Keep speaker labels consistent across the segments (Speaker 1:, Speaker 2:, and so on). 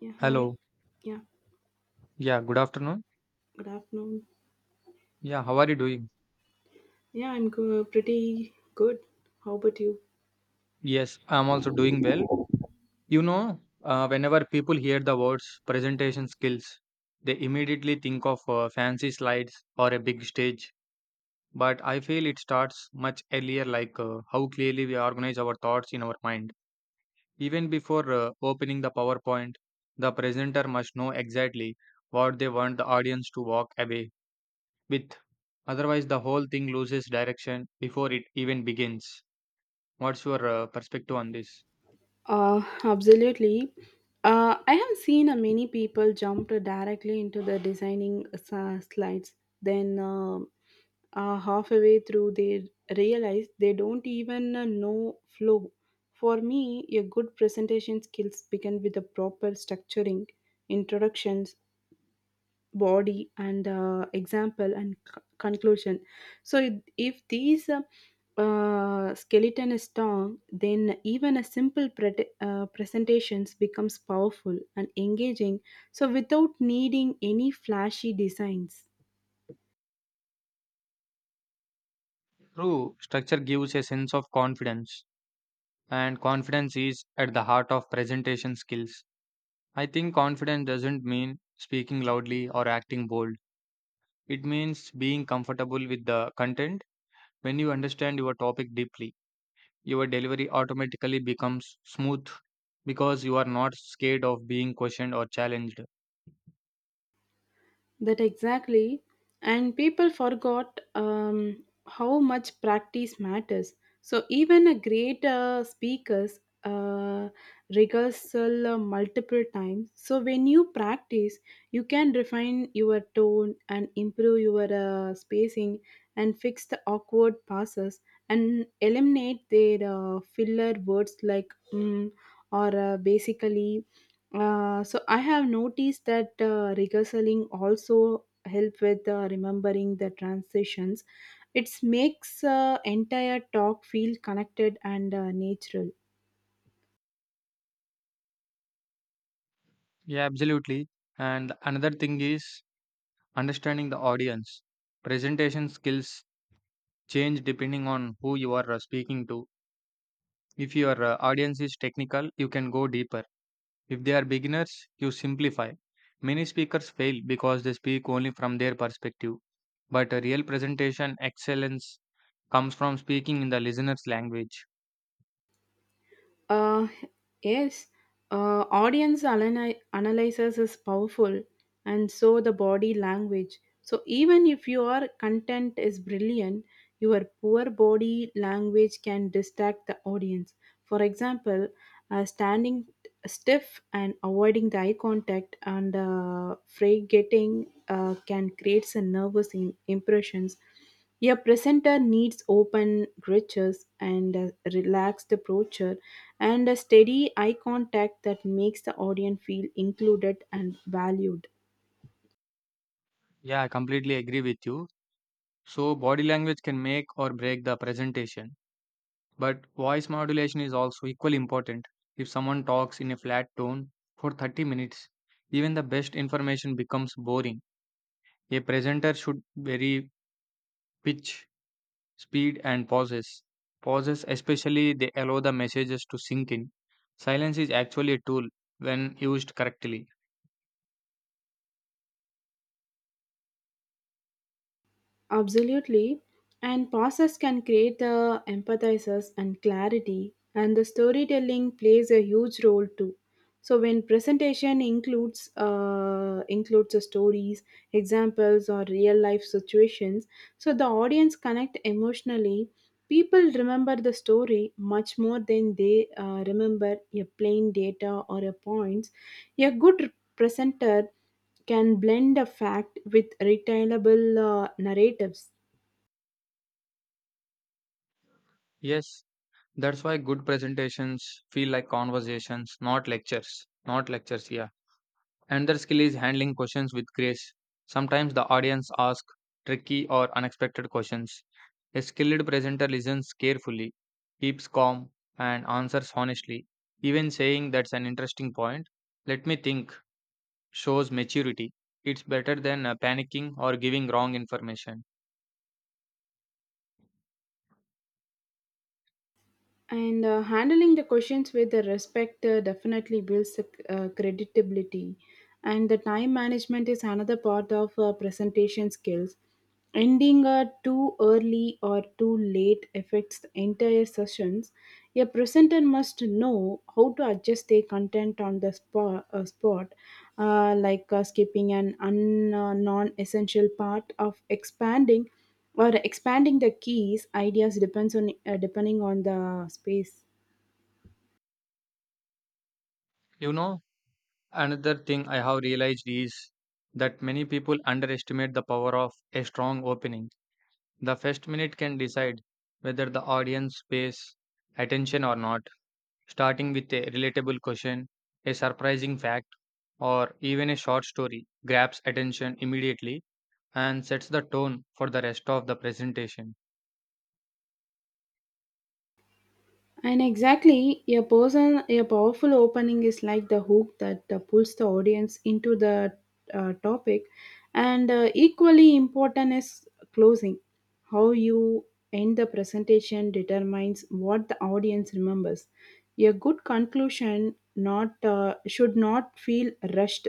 Speaker 1: Yeah, hi.
Speaker 2: Hello.
Speaker 1: Yeah,
Speaker 2: Yeah, good afternoon.
Speaker 1: good afternoon.
Speaker 2: Yeah, how are you doing?
Speaker 1: Pretty good. How about you?
Speaker 2: Yes, I'm also doing well. You know, whenever people hear the words presentation skills, they immediately think of fancy slides or a big stage. But I feel it starts much earlier, like how clearly we organize our thoughts in our mind. Even before opening the PowerPoint, the presenter must know exactly what they want the audience to walk away with. Otherwise, the whole thing loses direction before it even begins. What's your perspective on this?
Speaker 1: Absolutely. I have seen many people jump directly into the slides. Then, uh, Halfway through, they realize they don't even know flow. For me, a good presentation skills begin with the proper structuring, introductions, body and example and conclusion so if these skeleton is strong then even a simple presentations becomes powerful and engaging so without needing any flashy designs.
Speaker 2: True, structure gives a sense of confidence, and confidence is at the heart of presentation skills. I think confidence doesn't mean speaking loudly or acting bold. It means being comfortable with the content. When you understand your topic deeply, your delivery automatically becomes smooth because you are not scared of being questioned or challenged.
Speaker 1: That exactly. And people forgot how much practice matters. So even a great speakers rehearsal multiple times. So when you practice, you can refine your tone and improve your spacing and fix the awkward passes and eliminate their filler words like mm, or basically so I have noticed that rehearsing also help with remembering the transitions. It makes entire talk feel connected and natural.
Speaker 2: Yeah, absolutely. And another thing is understanding the audience. Presentation skills change depending on who you are speaking to. If your audience is technical, you can go deeper. If they are beginners, you simplify. Many speakers fail because they speak only from their perspective, but a real presentation excellence comes from speaking in the listener's language.
Speaker 1: Uh, yes, Audience analysis is powerful, and so the body language. So even if your content is brilliant, your poor body language can distract the audience. For example, standing stiff and avoiding the eye contact and freight getting can create some nervous impressions. A presenter needs open gestures and a relaxed posture and a steady eye contact that makes the audience feel included and valued.
Speaker 2: Yeah, I completely agree with you. So, body language can make or break the presentation, but voice modulation is also equally important. If someone talks in a flat tone for 30 minutes, even the best information becomes boring. A presenter should vary pitch, speed, and pauses. Pauses, especially, they allow the messages to sink in. Silence is actually a tool when used correctly.
Speaker 1: Absolutely. And process can create the empathizers and clarity, and the storytelling plays a huge role too. So when presentation includes the stories, examples, or real life situations, so the audience connect emotionally. People remember the story much more than they remember a plain data or a points. A good presenter can blend a fact with retailable narratives.
Speaker 2: Yes, that's why good presentations feel like conversations, not lectures. Not lectures, yeah. Another skill is handling questions with grace. Sometimes the audience asks tricky or unexpected questions. A skilled presenter listens carefully, keeps calm, and answers honestly. Even saying that's an interesting point, let me think, shows maturity. It's better than panicking or giving wrong information.
Speaker 1: And handling the questions with the respect definitely builds the, credibility. And the time management is another part of presentation skills. Ending too early or too late affects the entire sessions. A presenter must know how to adjust their content on the spot, like skipping an non-essential part of expanding or expanding the keys ideas depends on depending on the space.
Speaker 2: You know, another thing I have realized is that many people underestimate the power of a strong opening. The first minute can decide whether the audience pays attention or not. Starting with a relatable question, a surprising fact, or even a short story grabs attention immediately and sets the tone for the rest of the presentation.
Speaker 1: And exactly, a person, a powerful opening is like the hook that pulls the audience into the topic, and equally important is closing. How you end the presentation determines what the audience remembers. A good conclusion not should not feel rushed.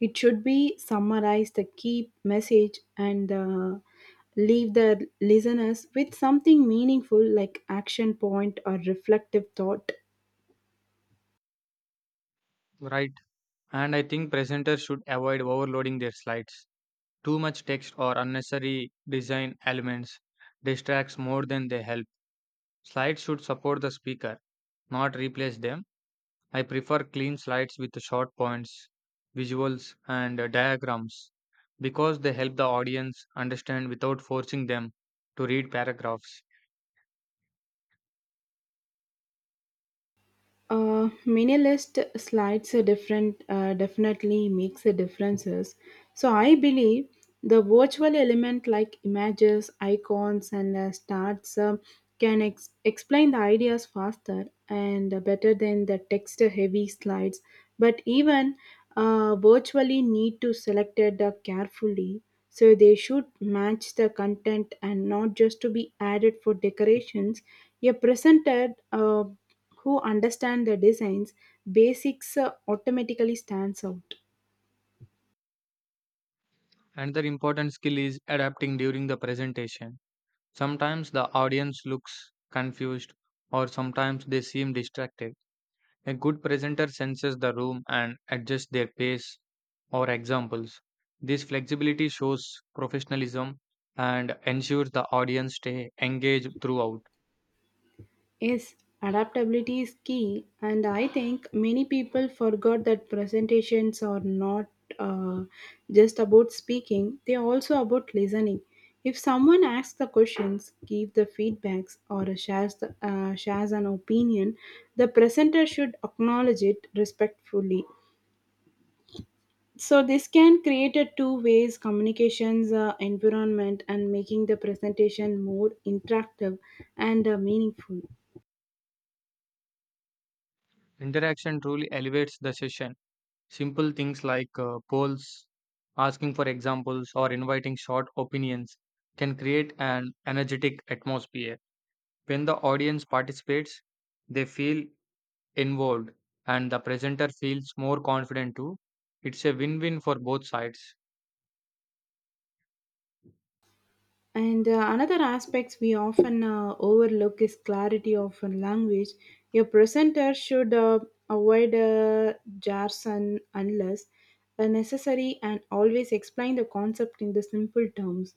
Speaker 1: It should be summarize the key message and leave the listeners with something meaningful like action point or reflective thought.
Speaker 2: Right. And I think presenters should avoid overloading their slides. Too much text or unnecessary design elements distracts more than they help. Slides should support the speaker, not replace them. I prefer clean slides with short points, visuals, and diagrams because they help the audience understand without forcing them to read paragraphs.
Speaker 1: Minimalist slides are different definitely makes a differences. So I believe the virtual element like images, icons, and starts can explain the ideas faster and better than the text-heavy slides. But even virtually need to select it carefully. So they should match the content and not just to be added for decorations. A presented. Who understand the design's basics automatically stands out.
Speaker 2: Another important skill is adapting during the presentation. Sometimes the audience looks confused or sometimes they seem distracted. A good presenter senses the room and adjusts their pace or examples. This flexibility shows professionalism and ensures the audience stay engaged throughout.
Speaker 1: Yes, adaptability is key, and I think many people forgot that presentations are not uh, just about speaking, they are also about listening. If someone asks the questions, gives the feedbacks, or shares an opinion, the presenter should acknowledge it respectfully. So this can create a two ways communications environment and making the presentation more interactive and meaningful.
Speaker 2: Interaction truly elevates the session. Simple things like polls, asking for examples, or inviting short opinions can create an energetic atmosphere. When the audience participates, they feel involved and the presenter feels more confident too. It's a win win for both sides.
Speaker 1: And another aspects we often overlook is clarity of a language. Your presenter should avoid jargon unless necessary and always explain the concept in the simple terms.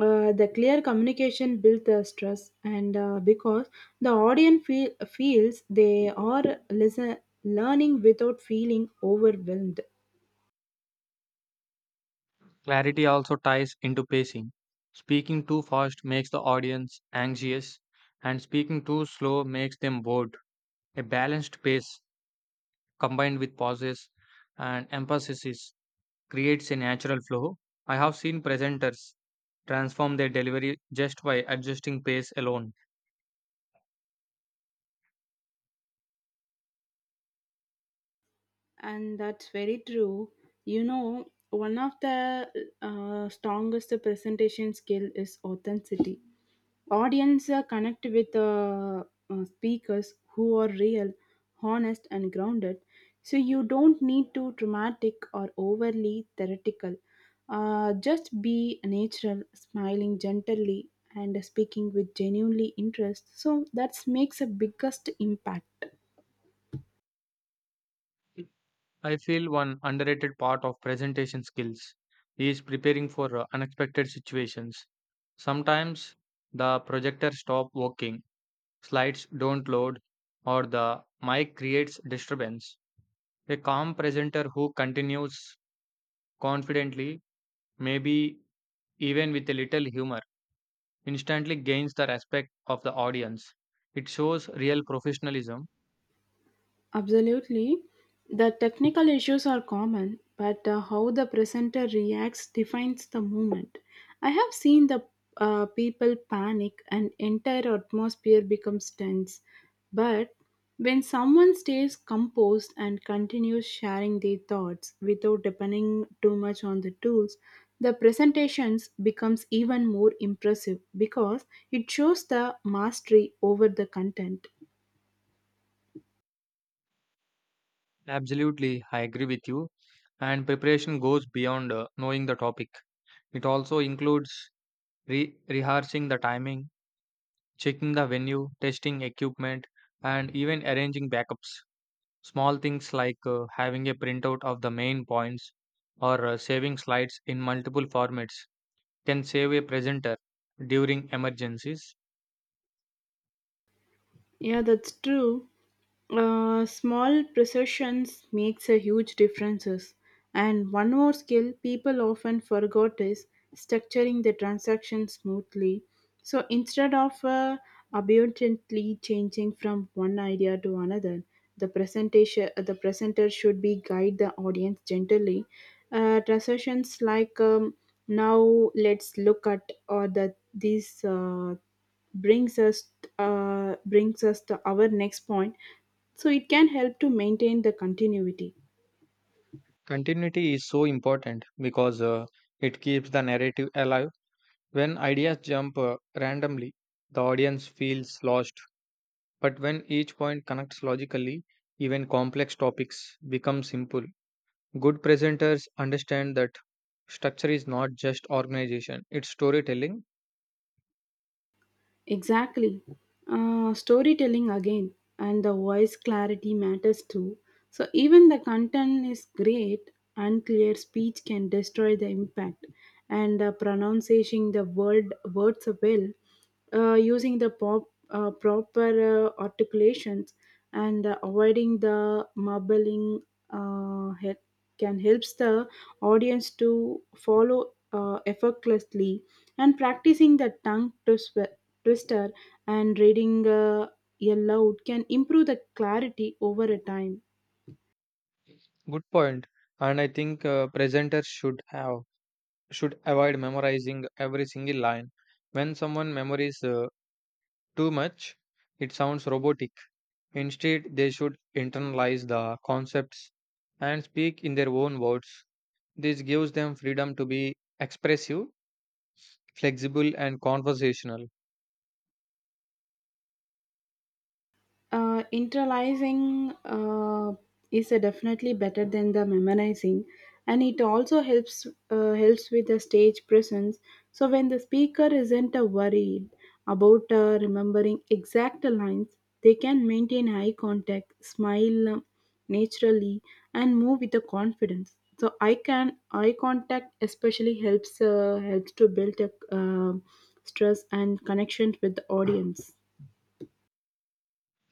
Speaker 1: The clear communication builds the stress and because the audience feels they are listen, learning without feeling overwhelmed.
Speaker 2: Clarity also ties into pacing. Speaking too fast makes the audience anxious, and speaking too slow makes them bored. A balanced pace combined with pauses and emphasis creates a natural flow. I have seen presenters transform their delivery just by adjusting pace alone.
Speaker 1: And that's very true. You know, one of the strongest presentation skill is authenticity. Audience connect with speakers who are real, honest, and grounded. So you don't need to dramatic or overly theoretical. Just be natural, smiling gently, and speaking with genuinely interest. So that makes a biggest impact.
Speaker 2: I feel one underrated part of presentation skills is preparing for unexpected situations. Sometimes the projector stops working, slides don't load, or the mic creates disturbance. A calm presenter who continues confidently, maybe even with a little humor, instantly gains the respect of the audience. It shows real professionalism.
Speaker 1: Absolutely. The technical issues are common, but how the presenter reacts defines the moment. I have seen the people panic and entire atmosphere becomes tense. But when someone stays composed and continues sharing their thoughts without depending too much on the tools, the presentations becomes even more impressive because it shows the mastery over the content.
Speaker 2: Absolutely, I agree with you. And preparation goes beyond knowing the topic. It also includes rehearsing the timing, checking the venue, testing equipment, and even arranging backups. Small things like having a printout of the main points or saving slides in multiple formats can save a presenter during emergencies.
Speaker 1: Yeah, that's true. Small precisions makes a huge differences. And one more skill people often forgot is structuring the transaction smoothly. So instead of abundantly changing from one idea to another, the presentation the presenter should be guide the audience gently. Transitions like now let's look at or the these brings us brings us to our next point so it can help to maintain the continuity.
Speaker 2: Continuity is so important because it keeps the narrative alive. When ideas jump randomly, the audience feels lost. But when each point connects logically, even complex topics become simple. Good presenters understand that structure is not just organization, it's storytelling.
Speaker 1: Exactly. Storytelling again and the voice clarity matters too so even the content is great unclear speech can destroy the impact and pronouncing the words well using proper articulations and avoiding the mumbling head can helps the audience to follow effortlessly and practicing the twister and reading aloud can improve the clarity over a time.
Speaker 2: Good point. And I think presenters should have should avoid memorizing every single line. When someone memorizes too much, it sounds robotic. Instead, they should internalize the concepts and speak in their own words. This gives them freedom to be expressive, flexible, and conversational.
Speaker 1: Internalizing is definitely better than the memorizing and it also helps with the stage presence so when the speaker isn't worried about remembering exact lines they can maintain eye contact smile naturally and move with the confidence so I can eye contact especially helps to build a uh, stress and connection with the audience.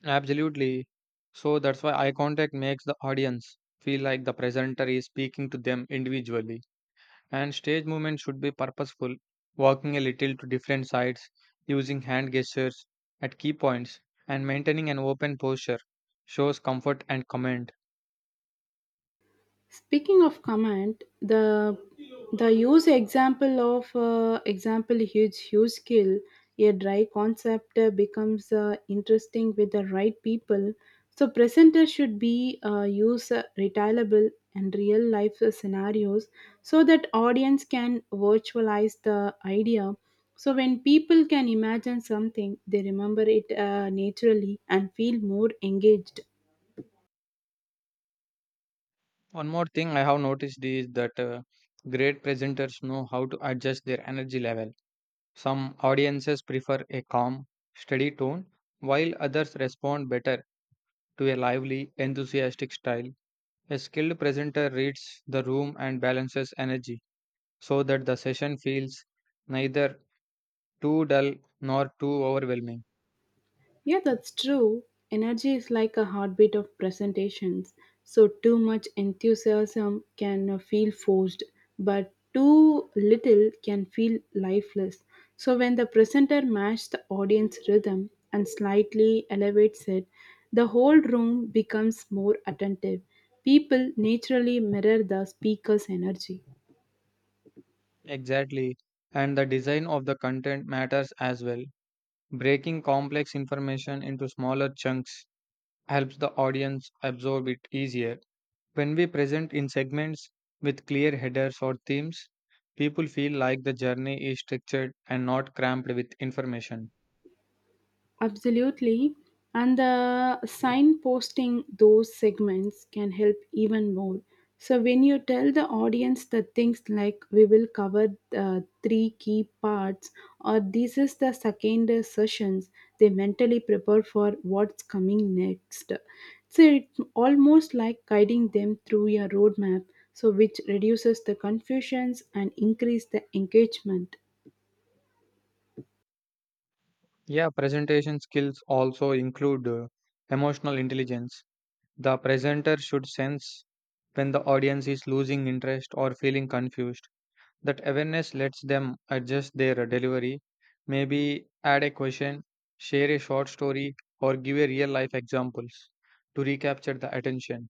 Speaker 2: Absolutely. So that's why eye contact makes the audience feel like the presenter is speaking to them individually. And stage movement should be purposeful, walking a little to different sides, using hand gestures at key points, and maintaining an open posture shows comfort and command.
Speaker 1: Speaking of command, the use example of example huge skill. A dry concept becomes interesting with the right people. So presenter should be use retailable and real life scenarios so that audience can virtualize the idea. So when people can imagine something, they remember it naturally and feel more engaged.
Speaker 2: One more thing I have noticed is that great presenters know how to adjust their energy level. Some audiences prefer a calm, steady tone, while others respond better to a lively, enthusiastic style. A skilled presenter reads the room and balances energy so that the session feels neither too dull nor too overwhelming.
Speaker 1: Yeah, that's true. Energy is like a heartbeat of presentations. So, too much enthusiasm can feel forced, but too little can feel lifeless. So, when the presenter matches the audience rhythm and slightly elevates it, the whole room becomes more attentive. People naturally mirror the speaker's energy.
Speaker 2: Exactly, and the design of the content matters as well. Breaking complex information into smaller chunks helps the audience absorb it easier. When we present in segments with clear headers or themes, people feel like the journey is structured and not cramped with information.
Speaker 1: Absolutely. And the signposting those segments can help even more. So, when you tell the audience the things like we will cover three key parts or this is the second sessions, they mentally prepare for what's coming next. So, it's almost like guiding them through your roadmap, so which reduces the confusions and increase the engagement.
Speaker 2: Yeah, presentation skills also include emotional intelligence. The presenter should sense when the audience is losing interest or feeling confused. That awareness lets them adjust their delivery, maybe add a question, share a short story, or give a real life examples to recapture the attention.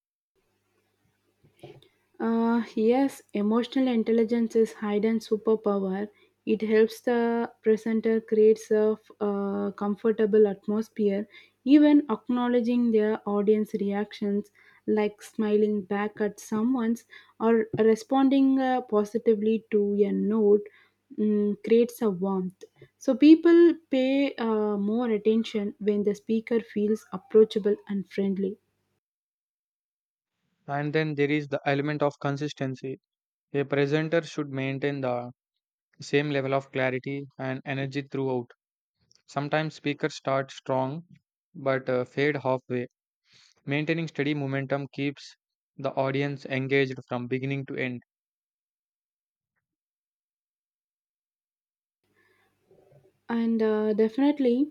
Speaker 1: Yes, emotional intelligence is hidden superpower. It helps the presenter creates a a comfortable atmosphere, even acknowledging their audience reactions, like smiling back at someone's or responding positively to a note, creates a warmth. So people pay more attention when the speaker feels approachable and friendly.
Speaker 2: And then there is the element of consistency. A presenter should maintain the same level of clarity and energy throughout. Sometimes speakers start strong but fade halfway. Maintaining steady momentum keeps the audience engaged from beginning to end.
Speaker 1: And definitely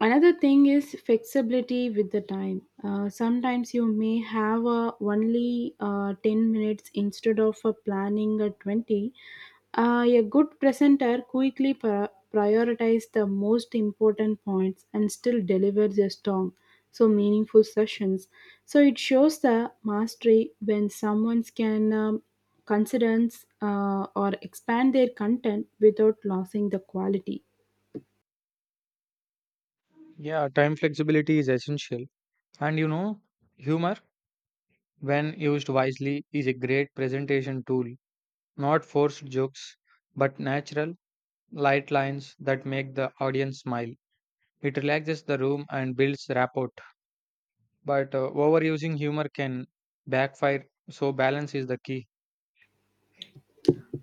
Speaker 1: another thing is flexibility with the time. Sometimes you may have only 10 minutes instead of planning a 20 a good presenter quickly prioritize the most important points and still delivers a strong so meaningful sessions so it shows the mastery when someone can consider or expand their content without losing the quality.
Speaker 2: Yeah, time flexibility is essential. And you know, humor when used wisely, is a great presentation tool. Not forced jokes, but natural, light lines that make the audience smile. It relaxes the room and builds rapport. But overusing humor can backfire, so balance is the key.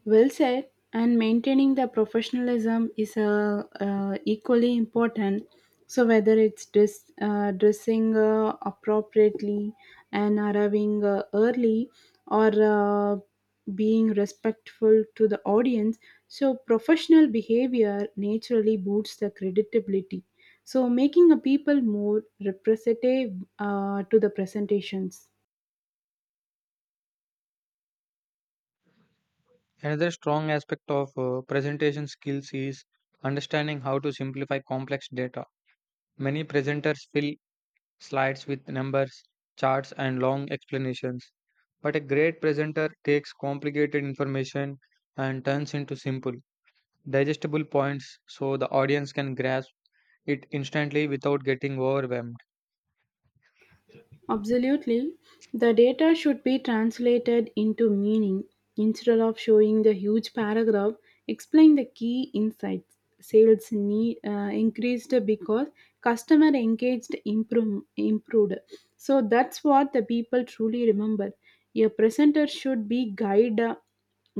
Speaker 1: Well said, and maintaining the professionalism is equally important. So whether it's dressing appropriately and arriving early, or being respectful to the audience, so professional behavior naturally boosts the credibility. So making a people more representative to the presentations.
Speaker 2: Another strong aspect of presentation skills is understanding how to simplify complex data. Many presenters feel slides with numbers, charts, and long explanations. But a great presenter takes complicated information and turns into simple, digestible points so the audience can grasp it instantly without getting overwhelmed.
Speaker 1: Absolutely. The data should be translated into meaning instead of showing the huge paragraph. Explain the key insights. Sales increased because customer engaged improved. So that's what the people truly remember. A presenter should be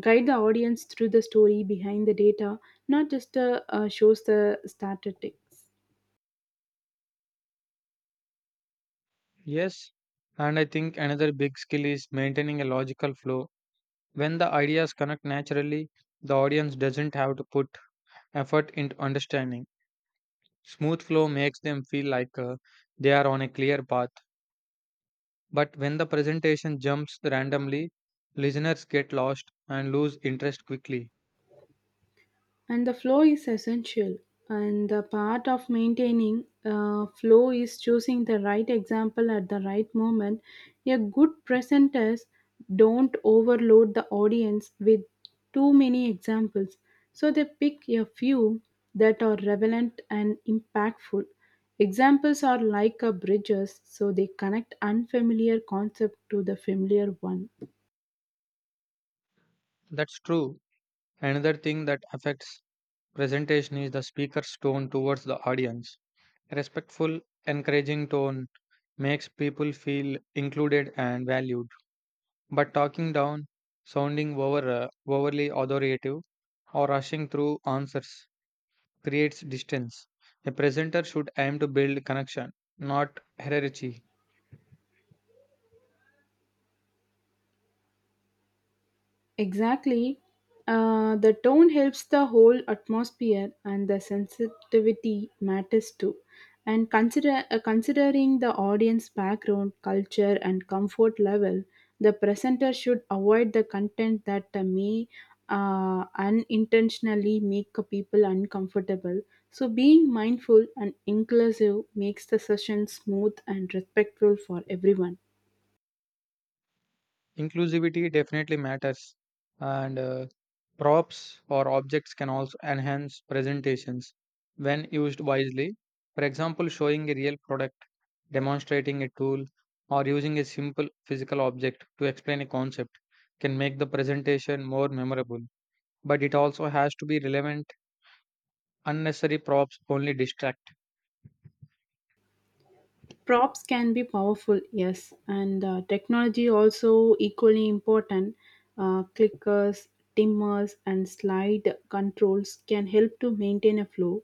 Speaker 1: guide the audience through the story behind the data, not just shows the statistics.
Speaker 2: Yes, and I think another big skill is maintaining a logical flow. When the ideas connect naturally, the audience doesn't have to put effort into understanding. Smooth flow makes them feel like they are on a clear path. But when the presentation jumps randomly, listeners get lost and lose interest quickly.
Speaker 1: And the flow is essential and the part of maintaining flow is choosing the right example at the right moment. A good presenters don't overload the audience with too many examples so they pick a few that are relevant and impactful. Examples are like a bridges so they connect unfamiliar concept to the familiar one.
Speaker 2: That's true. Another thing that affects presentation is the speaker's tone towards the audience. Respectful, encouraging tone makes people feel included and valued. But talking down, sounding overly authoritative, or rushing through answers creates distance. A presenter should aim to build connection, not hierarchy.
Speaker 1: Exactly. The tone helps the whole atmosphere, and the sensitivity matters too. And considering the audience background, culture, and comfort level, the presenter should avoid the content that may unintentionally make people uncomfortable. So, being mindful and inclusive makes the session smooth and respectful for everyone.
Speaker 2: Inclusivity definitely matters, and props or objects can also enhance presentations when used wisely. For example, showing a real product, demonstrating a tool, or using a simple physical object to explain a concept can make the presentation more memorable. But it also has to be relevant. Unnecessary props only distract.
Speaker 1: Props can be powerful yes and technology also equally important. Clickers timmers and slide controls can help to maintain a flow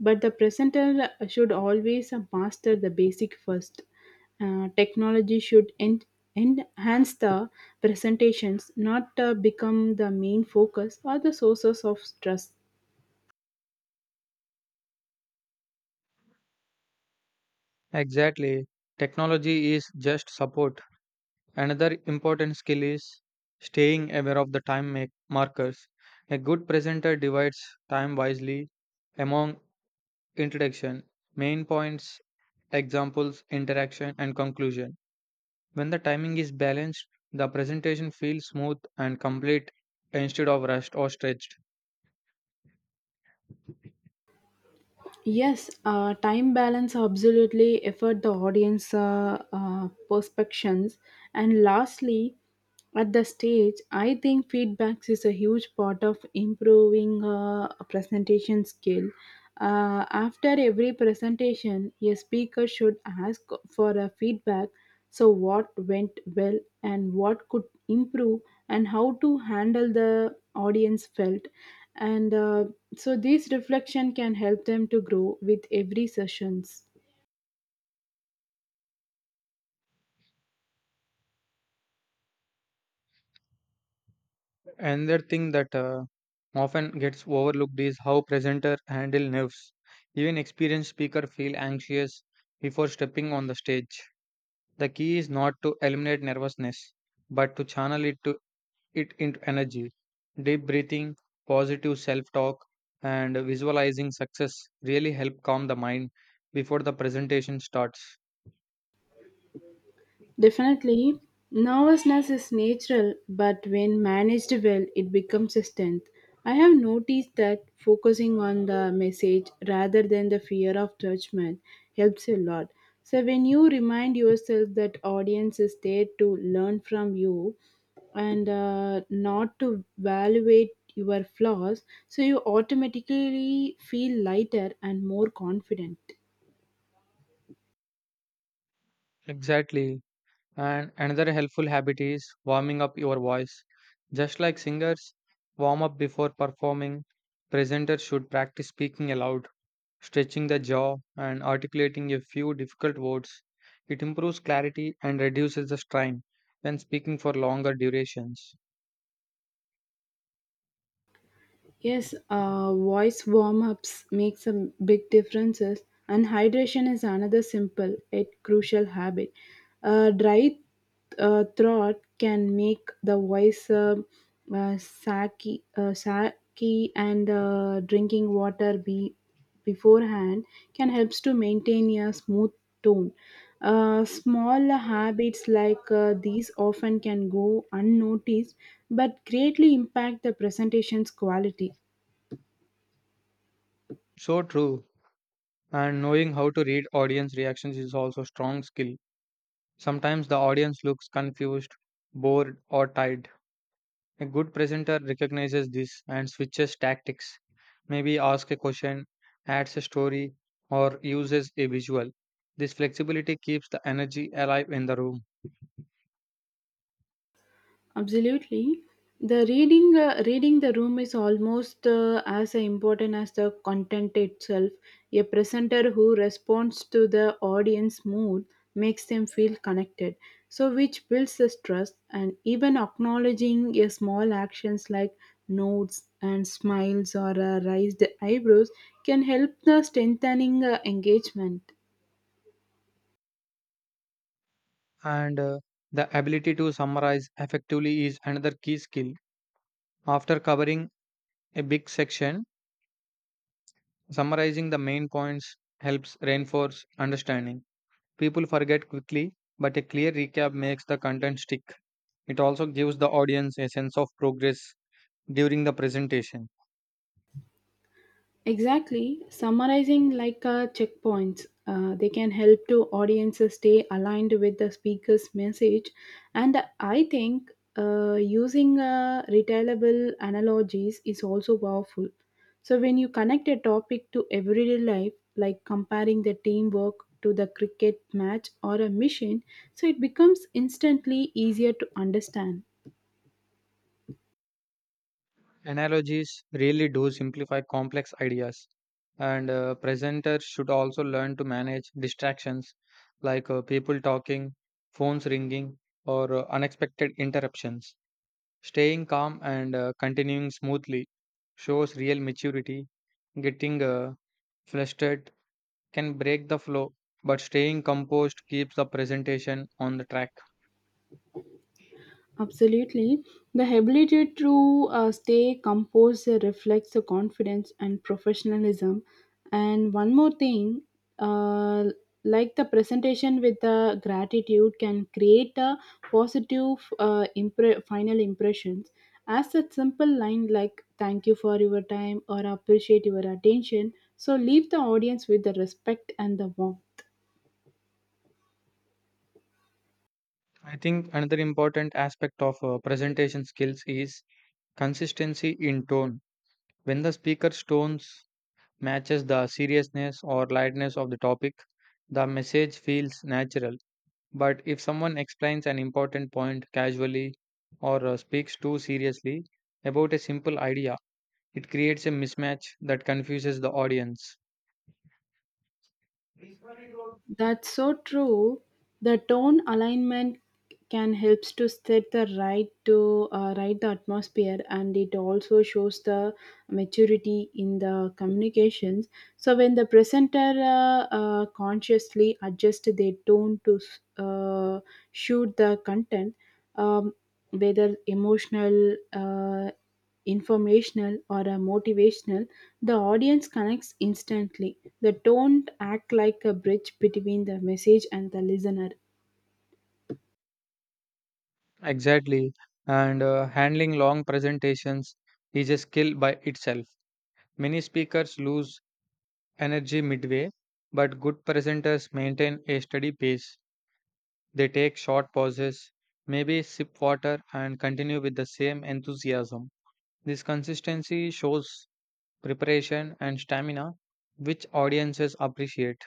Speaker 1: but the presenter should always master the basic first. Technology should enhance the presentations not become the main focus or the sources of stress.
Speaker 2: Exactly. Technology is just support. Another important skill is staying aware of the time make markers. A good presenter divides time wisely among introduction, main points, examples, interaction, and conclusion. When the timing is balanced, the presentation feels smooth and complete instead of rushed or stretched.
Speaker 1: Yes, time balance absolutely effort the audience perspectives. And lastly, at the stage, I think feedbacks is a huge part of improving a presentation skill. After every presentation, a speaker should ask for a feedback so, what went well and what could improve, and how to handle the audience felt. And uh, this reflection can help them to grow with every sessions.
Speaker 2: Another thing that often gets overlooked is how presenter handle nerves. Even experienced speaker feel anxious before stepping on the stage. The key is not to eliminate nervousness, but to channel it into energy. Deep breathing, positive self-talk, and visualizing success really help calm the mind before the presentation starts.
Speaker 1: Definitely, nervousness is natural, but when managed well, it becomes a strength. I have noticed that focusing on the message rather than the fear of judgment helps a lot. So, when you remind yourself that audience is there to learn from you and not to evaluate your flaws, so you automatically feel lighter and more confident.
Speaker 2: Exactly. And another helpful habit is warming up your voice. Just like singers warm up before performing, presenters should practice speaking aloud, stretching the jaw, and articulating a few difficult words. It improves clarity and reduces the strain when speaking for longer durations.
Speaker 1: Yes, voice warm ups makes a big differences, and hydration is another simple yet crucial habit. A dry throat can make the voice sacky, sacky and drinking water be beforehand can helps to maintain a smooth tone. Small habits like these often can go unnoticed but greatly impact the presentation's quality.
Speaker 2: So true. And knowing how to read audience reactions is also a strong skill. Sometimes the audience looks confused, bored, or tired. A good presenter recognizes this and switches tactics. Maybe ask a question, adds a story, or uses a visual. This flexibility keeps the energy alive in the room.
Speaker 1: Absolutely. The reading reading the room is almost as important as the content itself. A presenter who responds to the audience mood makes them feel connected, so which builds the trust and even acknowledging a small actions like nods and smiles or raised eyebrows can help the strengthening engagement.
Speaker 2: And the ability to summarize effectively is another key skill. After covering a big section, summarizing the main points helps reinforce understanding. People forget quickly, but a clear recap makes the content stick. It also gives the audience a sense of progress during the presentation.
Speaker 1: Exactly. Summarizing like checkpoints, they can help to audiences stay aligned with the speaker's message. And I think using retailable analogies is also powerful. So when you connect a topic to everyday life, like comparing the teamwork to the cricket match or a mission, so it becomes instantly easier to understand.
Speaker 2: Analogies really do simplify complex ideas, and presenters should also learn to manage distractions like people talking, phones ringing, or unexpected interruptions. Staying calm and continuing smoothly shows real maturity. Getting flustered can break the flow, but staying composed keeps the presentation on the track.
Speaker 1: Absolutely. The ability to stay composed reflects the confidence and professionalism. And one more thing, uh, like the presentation with the gratitude can create a positive final impressions. As a simple line like "Thank you for your time" or "Appreciate your attention," so leave the audience with the respect and the warmth.
Speaker 2: I think another important aspect of presentation skills is consistency in tone. When the speaker's tones matches the seriousness or lightness of the topic, the message feels natural. But if someone explains an important point casually or speaks too seriously about a simple idea, it creates a mismatch that confuses the audience.
Speaker 1: That's so true. The tone alignment can helps to set the right to right the atmosphere, and it also shows the maturity in the communications. So when the presenter consciously adjust their tone to uh, shoot the content, um, whether emotional. Informational or a motivational, the audience connects instantly. The don't act like a bridge between the message and the listener.
Speaker 2: Exactly. And handling long presentations is a skill by itself. Many speakers lose energy midway, but good presenters maintain a steady pace. They take short pauses, maybe sip water, and continue with the same enthusiasm. This consistency shows preparation and stamina, which audiences appreciate.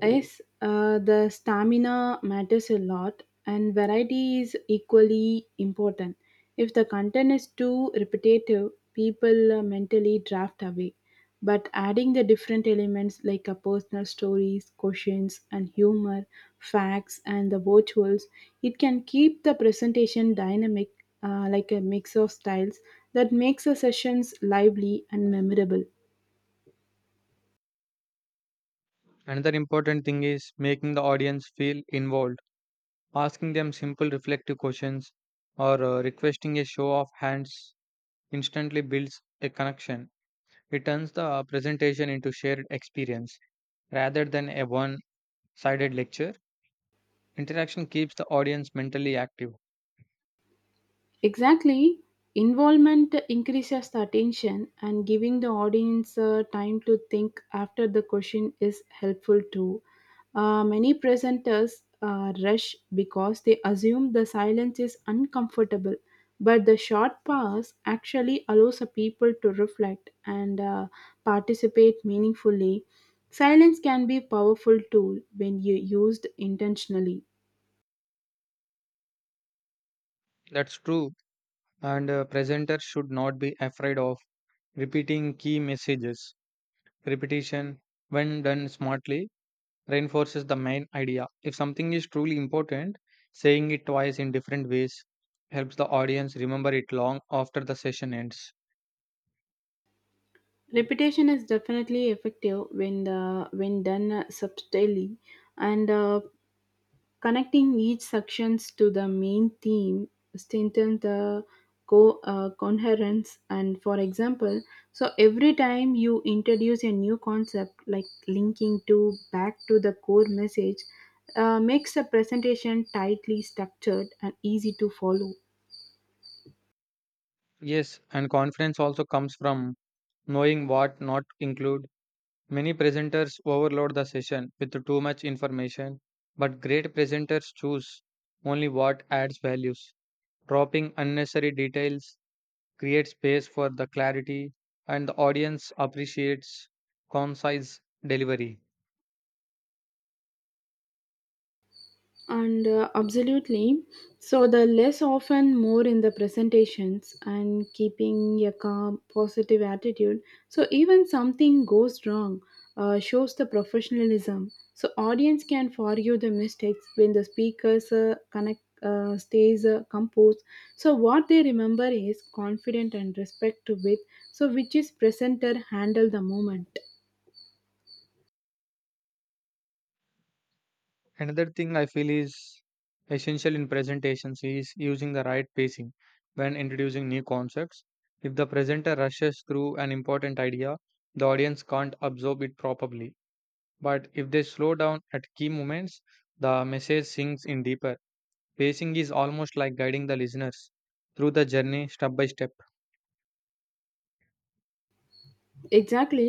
Speaker 1: Yes, the stamina matters a lot, and variety is equally important. If the content is too repetitive, people mentally draft away. But adding the different elements like personal stories, questions, and humor, facts, and the virtuals, it can keep the presentation dynamic, like a mix of styles that makes the sessions lively and memorable.
Speaker 2: Another important thing is making the audience feel involved. Asking them simple reflective questions or requesting a show of hands instantly builds a connection. It turns the presentation into shared experience rather than a one sided lecture. Interaction keeps the audience mentally active.
Speaker 1: Exactly. Involvement increases the attention and giving the audience time to think after the question is helpful too. Many presenters rush because they assume the silence is uncomfortable, but the short pause actually allows the people to reflect and participate meaningfully. Silence can be a powerful tool when you used intentionally.
Speaker 2: That's true, and presenters should not be afraid of repeating key messages. Repetition, when done smartly, reinforces the main idea. If something is truly important, saying it twice in different ways helps the audience remember it long after the session ends.
Speaker 1: Repetition is definitely effective when the when done subtly, and connecting each sections to the main theme strengthens the coherence. And for example, so every time you introduce a new concept, like linking to back to the core message, makes the presentation tightly structured and easy to follow.
Speaker 2: Yes, and confidence also comes from knowing what not include. Many presenters overload the session with too much information, but great presenters choose only what adds values. Dropping unnecessary details create space for the clarity, and the audience appreciates concise delivery.
Speaker 1: And Absolutely, so the less often more in the presentations and keeping a calm positive attitude so even something goes wrong shows the professionalism so audience can forgive the mistakes when the speakers connect stays composed so what they remember is confident and respect with so which is presenter handle the moment.
Speaker 2: Another thing I feel is essential in presentations is using the right pacing when introducing new concepts. If the presenter rushes through an important idea, the audience can't absorb it properly. But if they slow down at key moments, the message sinks in deeper. Pacing is almost like guiding the listeners through the journey step by step.
Speaker 1: Exactly.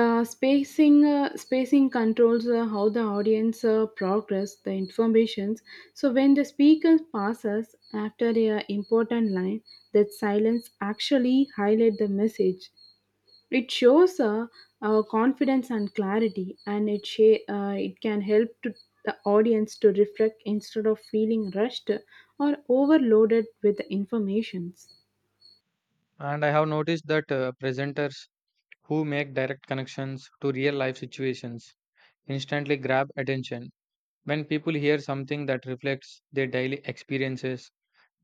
Speaker 1: Spacing controls how the audience progress the informations. So when the speaker passes after a important line, that silence actually highlight the message. It shows confidence and clarity, and it can help to the audience to reflect instead of feeling rushed or overloaded with the informations.
Speaker 2: And I have noticed that presenters who make direct connections to real life situations instantly grab attention. When people hear something that reflects their daily experiences,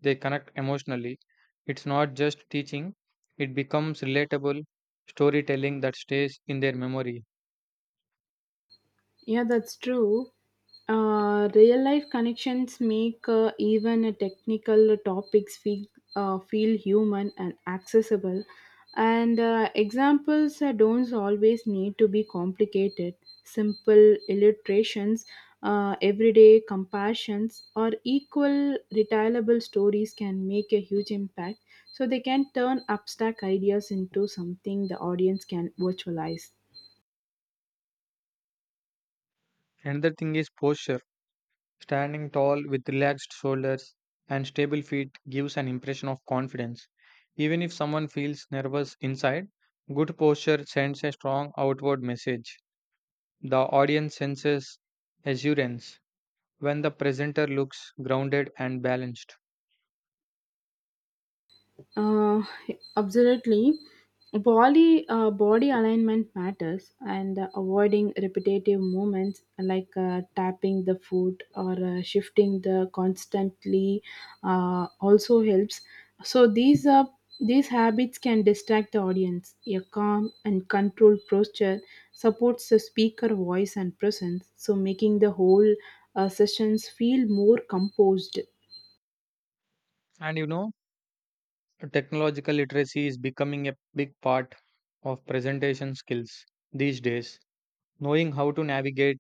Speaker 2: they connect emotionally. It's not just teaching, it becomes relatable storytelling that stays in their memory.
Speaker 1: Yeah, that's true. Real life connections make even a technical topics feel human and accessible. And examples don't always need to be complicated. Simple illustrations, everyday compassions, or equal retailable stories can make a huge impact. So they can turn abstract ideas into something the audience can virtualize.
Speaker 2: Another thing is posture. Standing tall with relaxed shoulders and stable feet gives an impression of confidence. Even if someone feels nervous inside, good posture sends a strong outward message. The audience senses assurance when the presenter looks grounded and balanced.
Speaker 1: Uh, Absolutely. Body alignment matters, and avoiding repetitive movements like tapping the foot or shifting the constantly also helps. So these habits can distract the audience. A calm and controlled posture supports the speaker voice and presence, so making the whole sessions feel more composed.
Speaker 2: And you know, technological literacy is becoming a big part of presentation skills these days. Knowing how to navigate,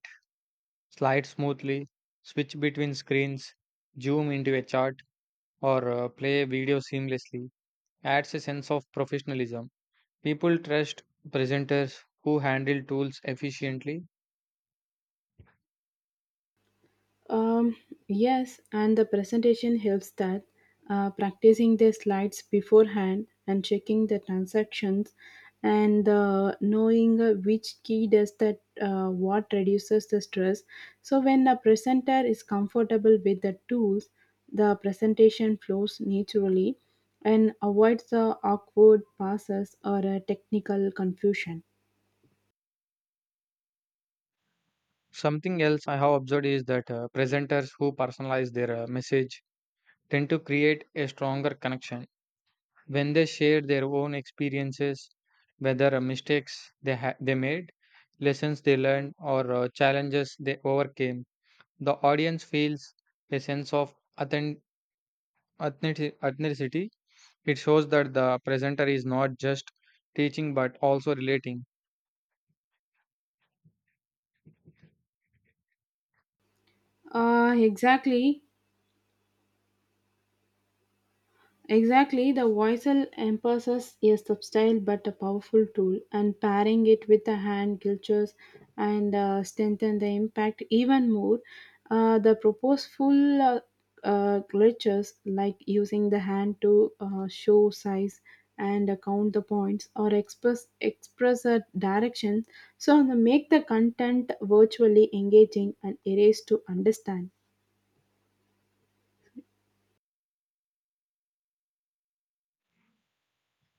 Speaker 2: slides smoothly, switch between screens, zoom into a chart, or play a video seamlessly adds a sense of professionalism. People trust presenters who handle tools efficiently.
Speaker 1: Um, yes, and the presentation helps that practicing the slides beforehand and checking the transactions and knowing which key does that what reduces the stress. So when the presenter is comfortable with the tools, the presentation flows naturally and avoids the awkward passes or technical confusion.
Speaker 2: Something else I have observed is that presenters who personalize their message tend to create a stronger connection when they share their own experiences, whether mistakes they made, lessons they learned, or challenges they overcame. The audience feels a sense of authen- authenticity. It shows that the presenter is not just teaching but also relating.
Speaker 1: Uh, exactly. Exactly, the voicel emphasis is subtle but a powerful tool, and pairing it with the hand gestures and strengthen the impact even more. The purposeful gestures, like using the hand to show size and count the points or express a direction, so they make the content virtually engaging and erase to understand.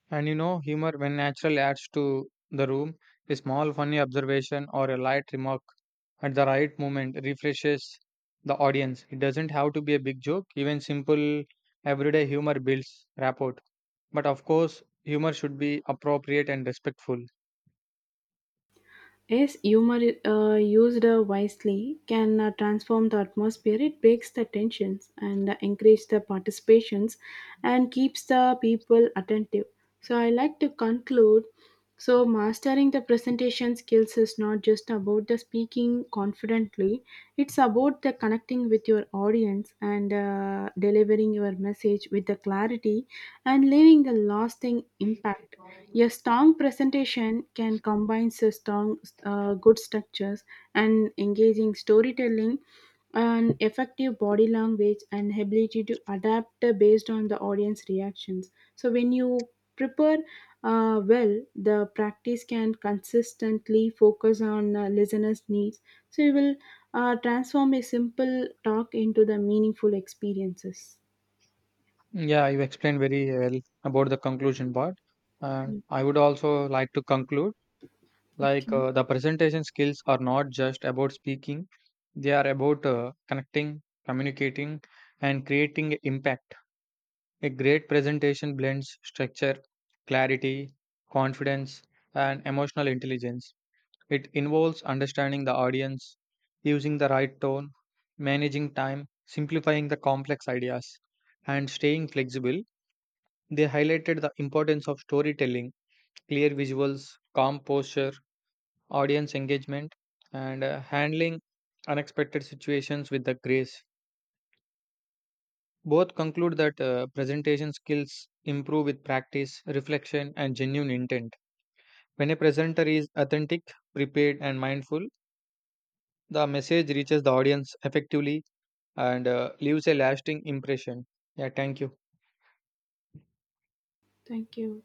Speaker 2: And you know, humor, when natural, adds to the room. A small funny observation or a light remark at the right moment refreshes the audience. It doesn't have to be a big joke, even simple everyday humor builds rapport. But of course, humor should be appropriate and respectful.
Speaker 1: Yes, humor used wisely can transform the atmosphere. It breaks the tensions and encourages the participations and keeps the people attentive. So I like to conclude. So mastering the presentation skills is not just about the speaking confidently. It's about the connecting with your audience and delivering your message with the clarity and leaving the lasting impact. A strong presentation can combine strong, good structures and engaging storytelling, and effective body language and ability to adapt based on the audience reactions. So when you prepare well, the practice can consistently focus on listeners' needs. So you will transform a simple talk into the meaningful experiences.
Speaker 2: Yeah, you explained very well about the conclusion part. And
Speaker 1: Mm.
Speaker 2: I would also like to conclude like
Speaker 1: Okay,
Speaker 2: the presentation skills are not just about speaking. They are about connecting, communicating, and creating impact. A great presentation blends structure, clarity, confidence, and emotional intelligence. It involves understanding the audience, using the right tone, managing time, simplifying the complex ideas, and staying flexible. They highlighted the importance of storytelling, clear visuals, calm posture, audience engagement, and handling unexpected situations with the grace. Both conclude that presentation skills improve with practice, reflection, and genuine intent. When a presenter is authentic, prepared, and mindful, the message reaches the audience effectively and leaves a lasting impression. Yeah, thank you.
Speaker 1: thank you.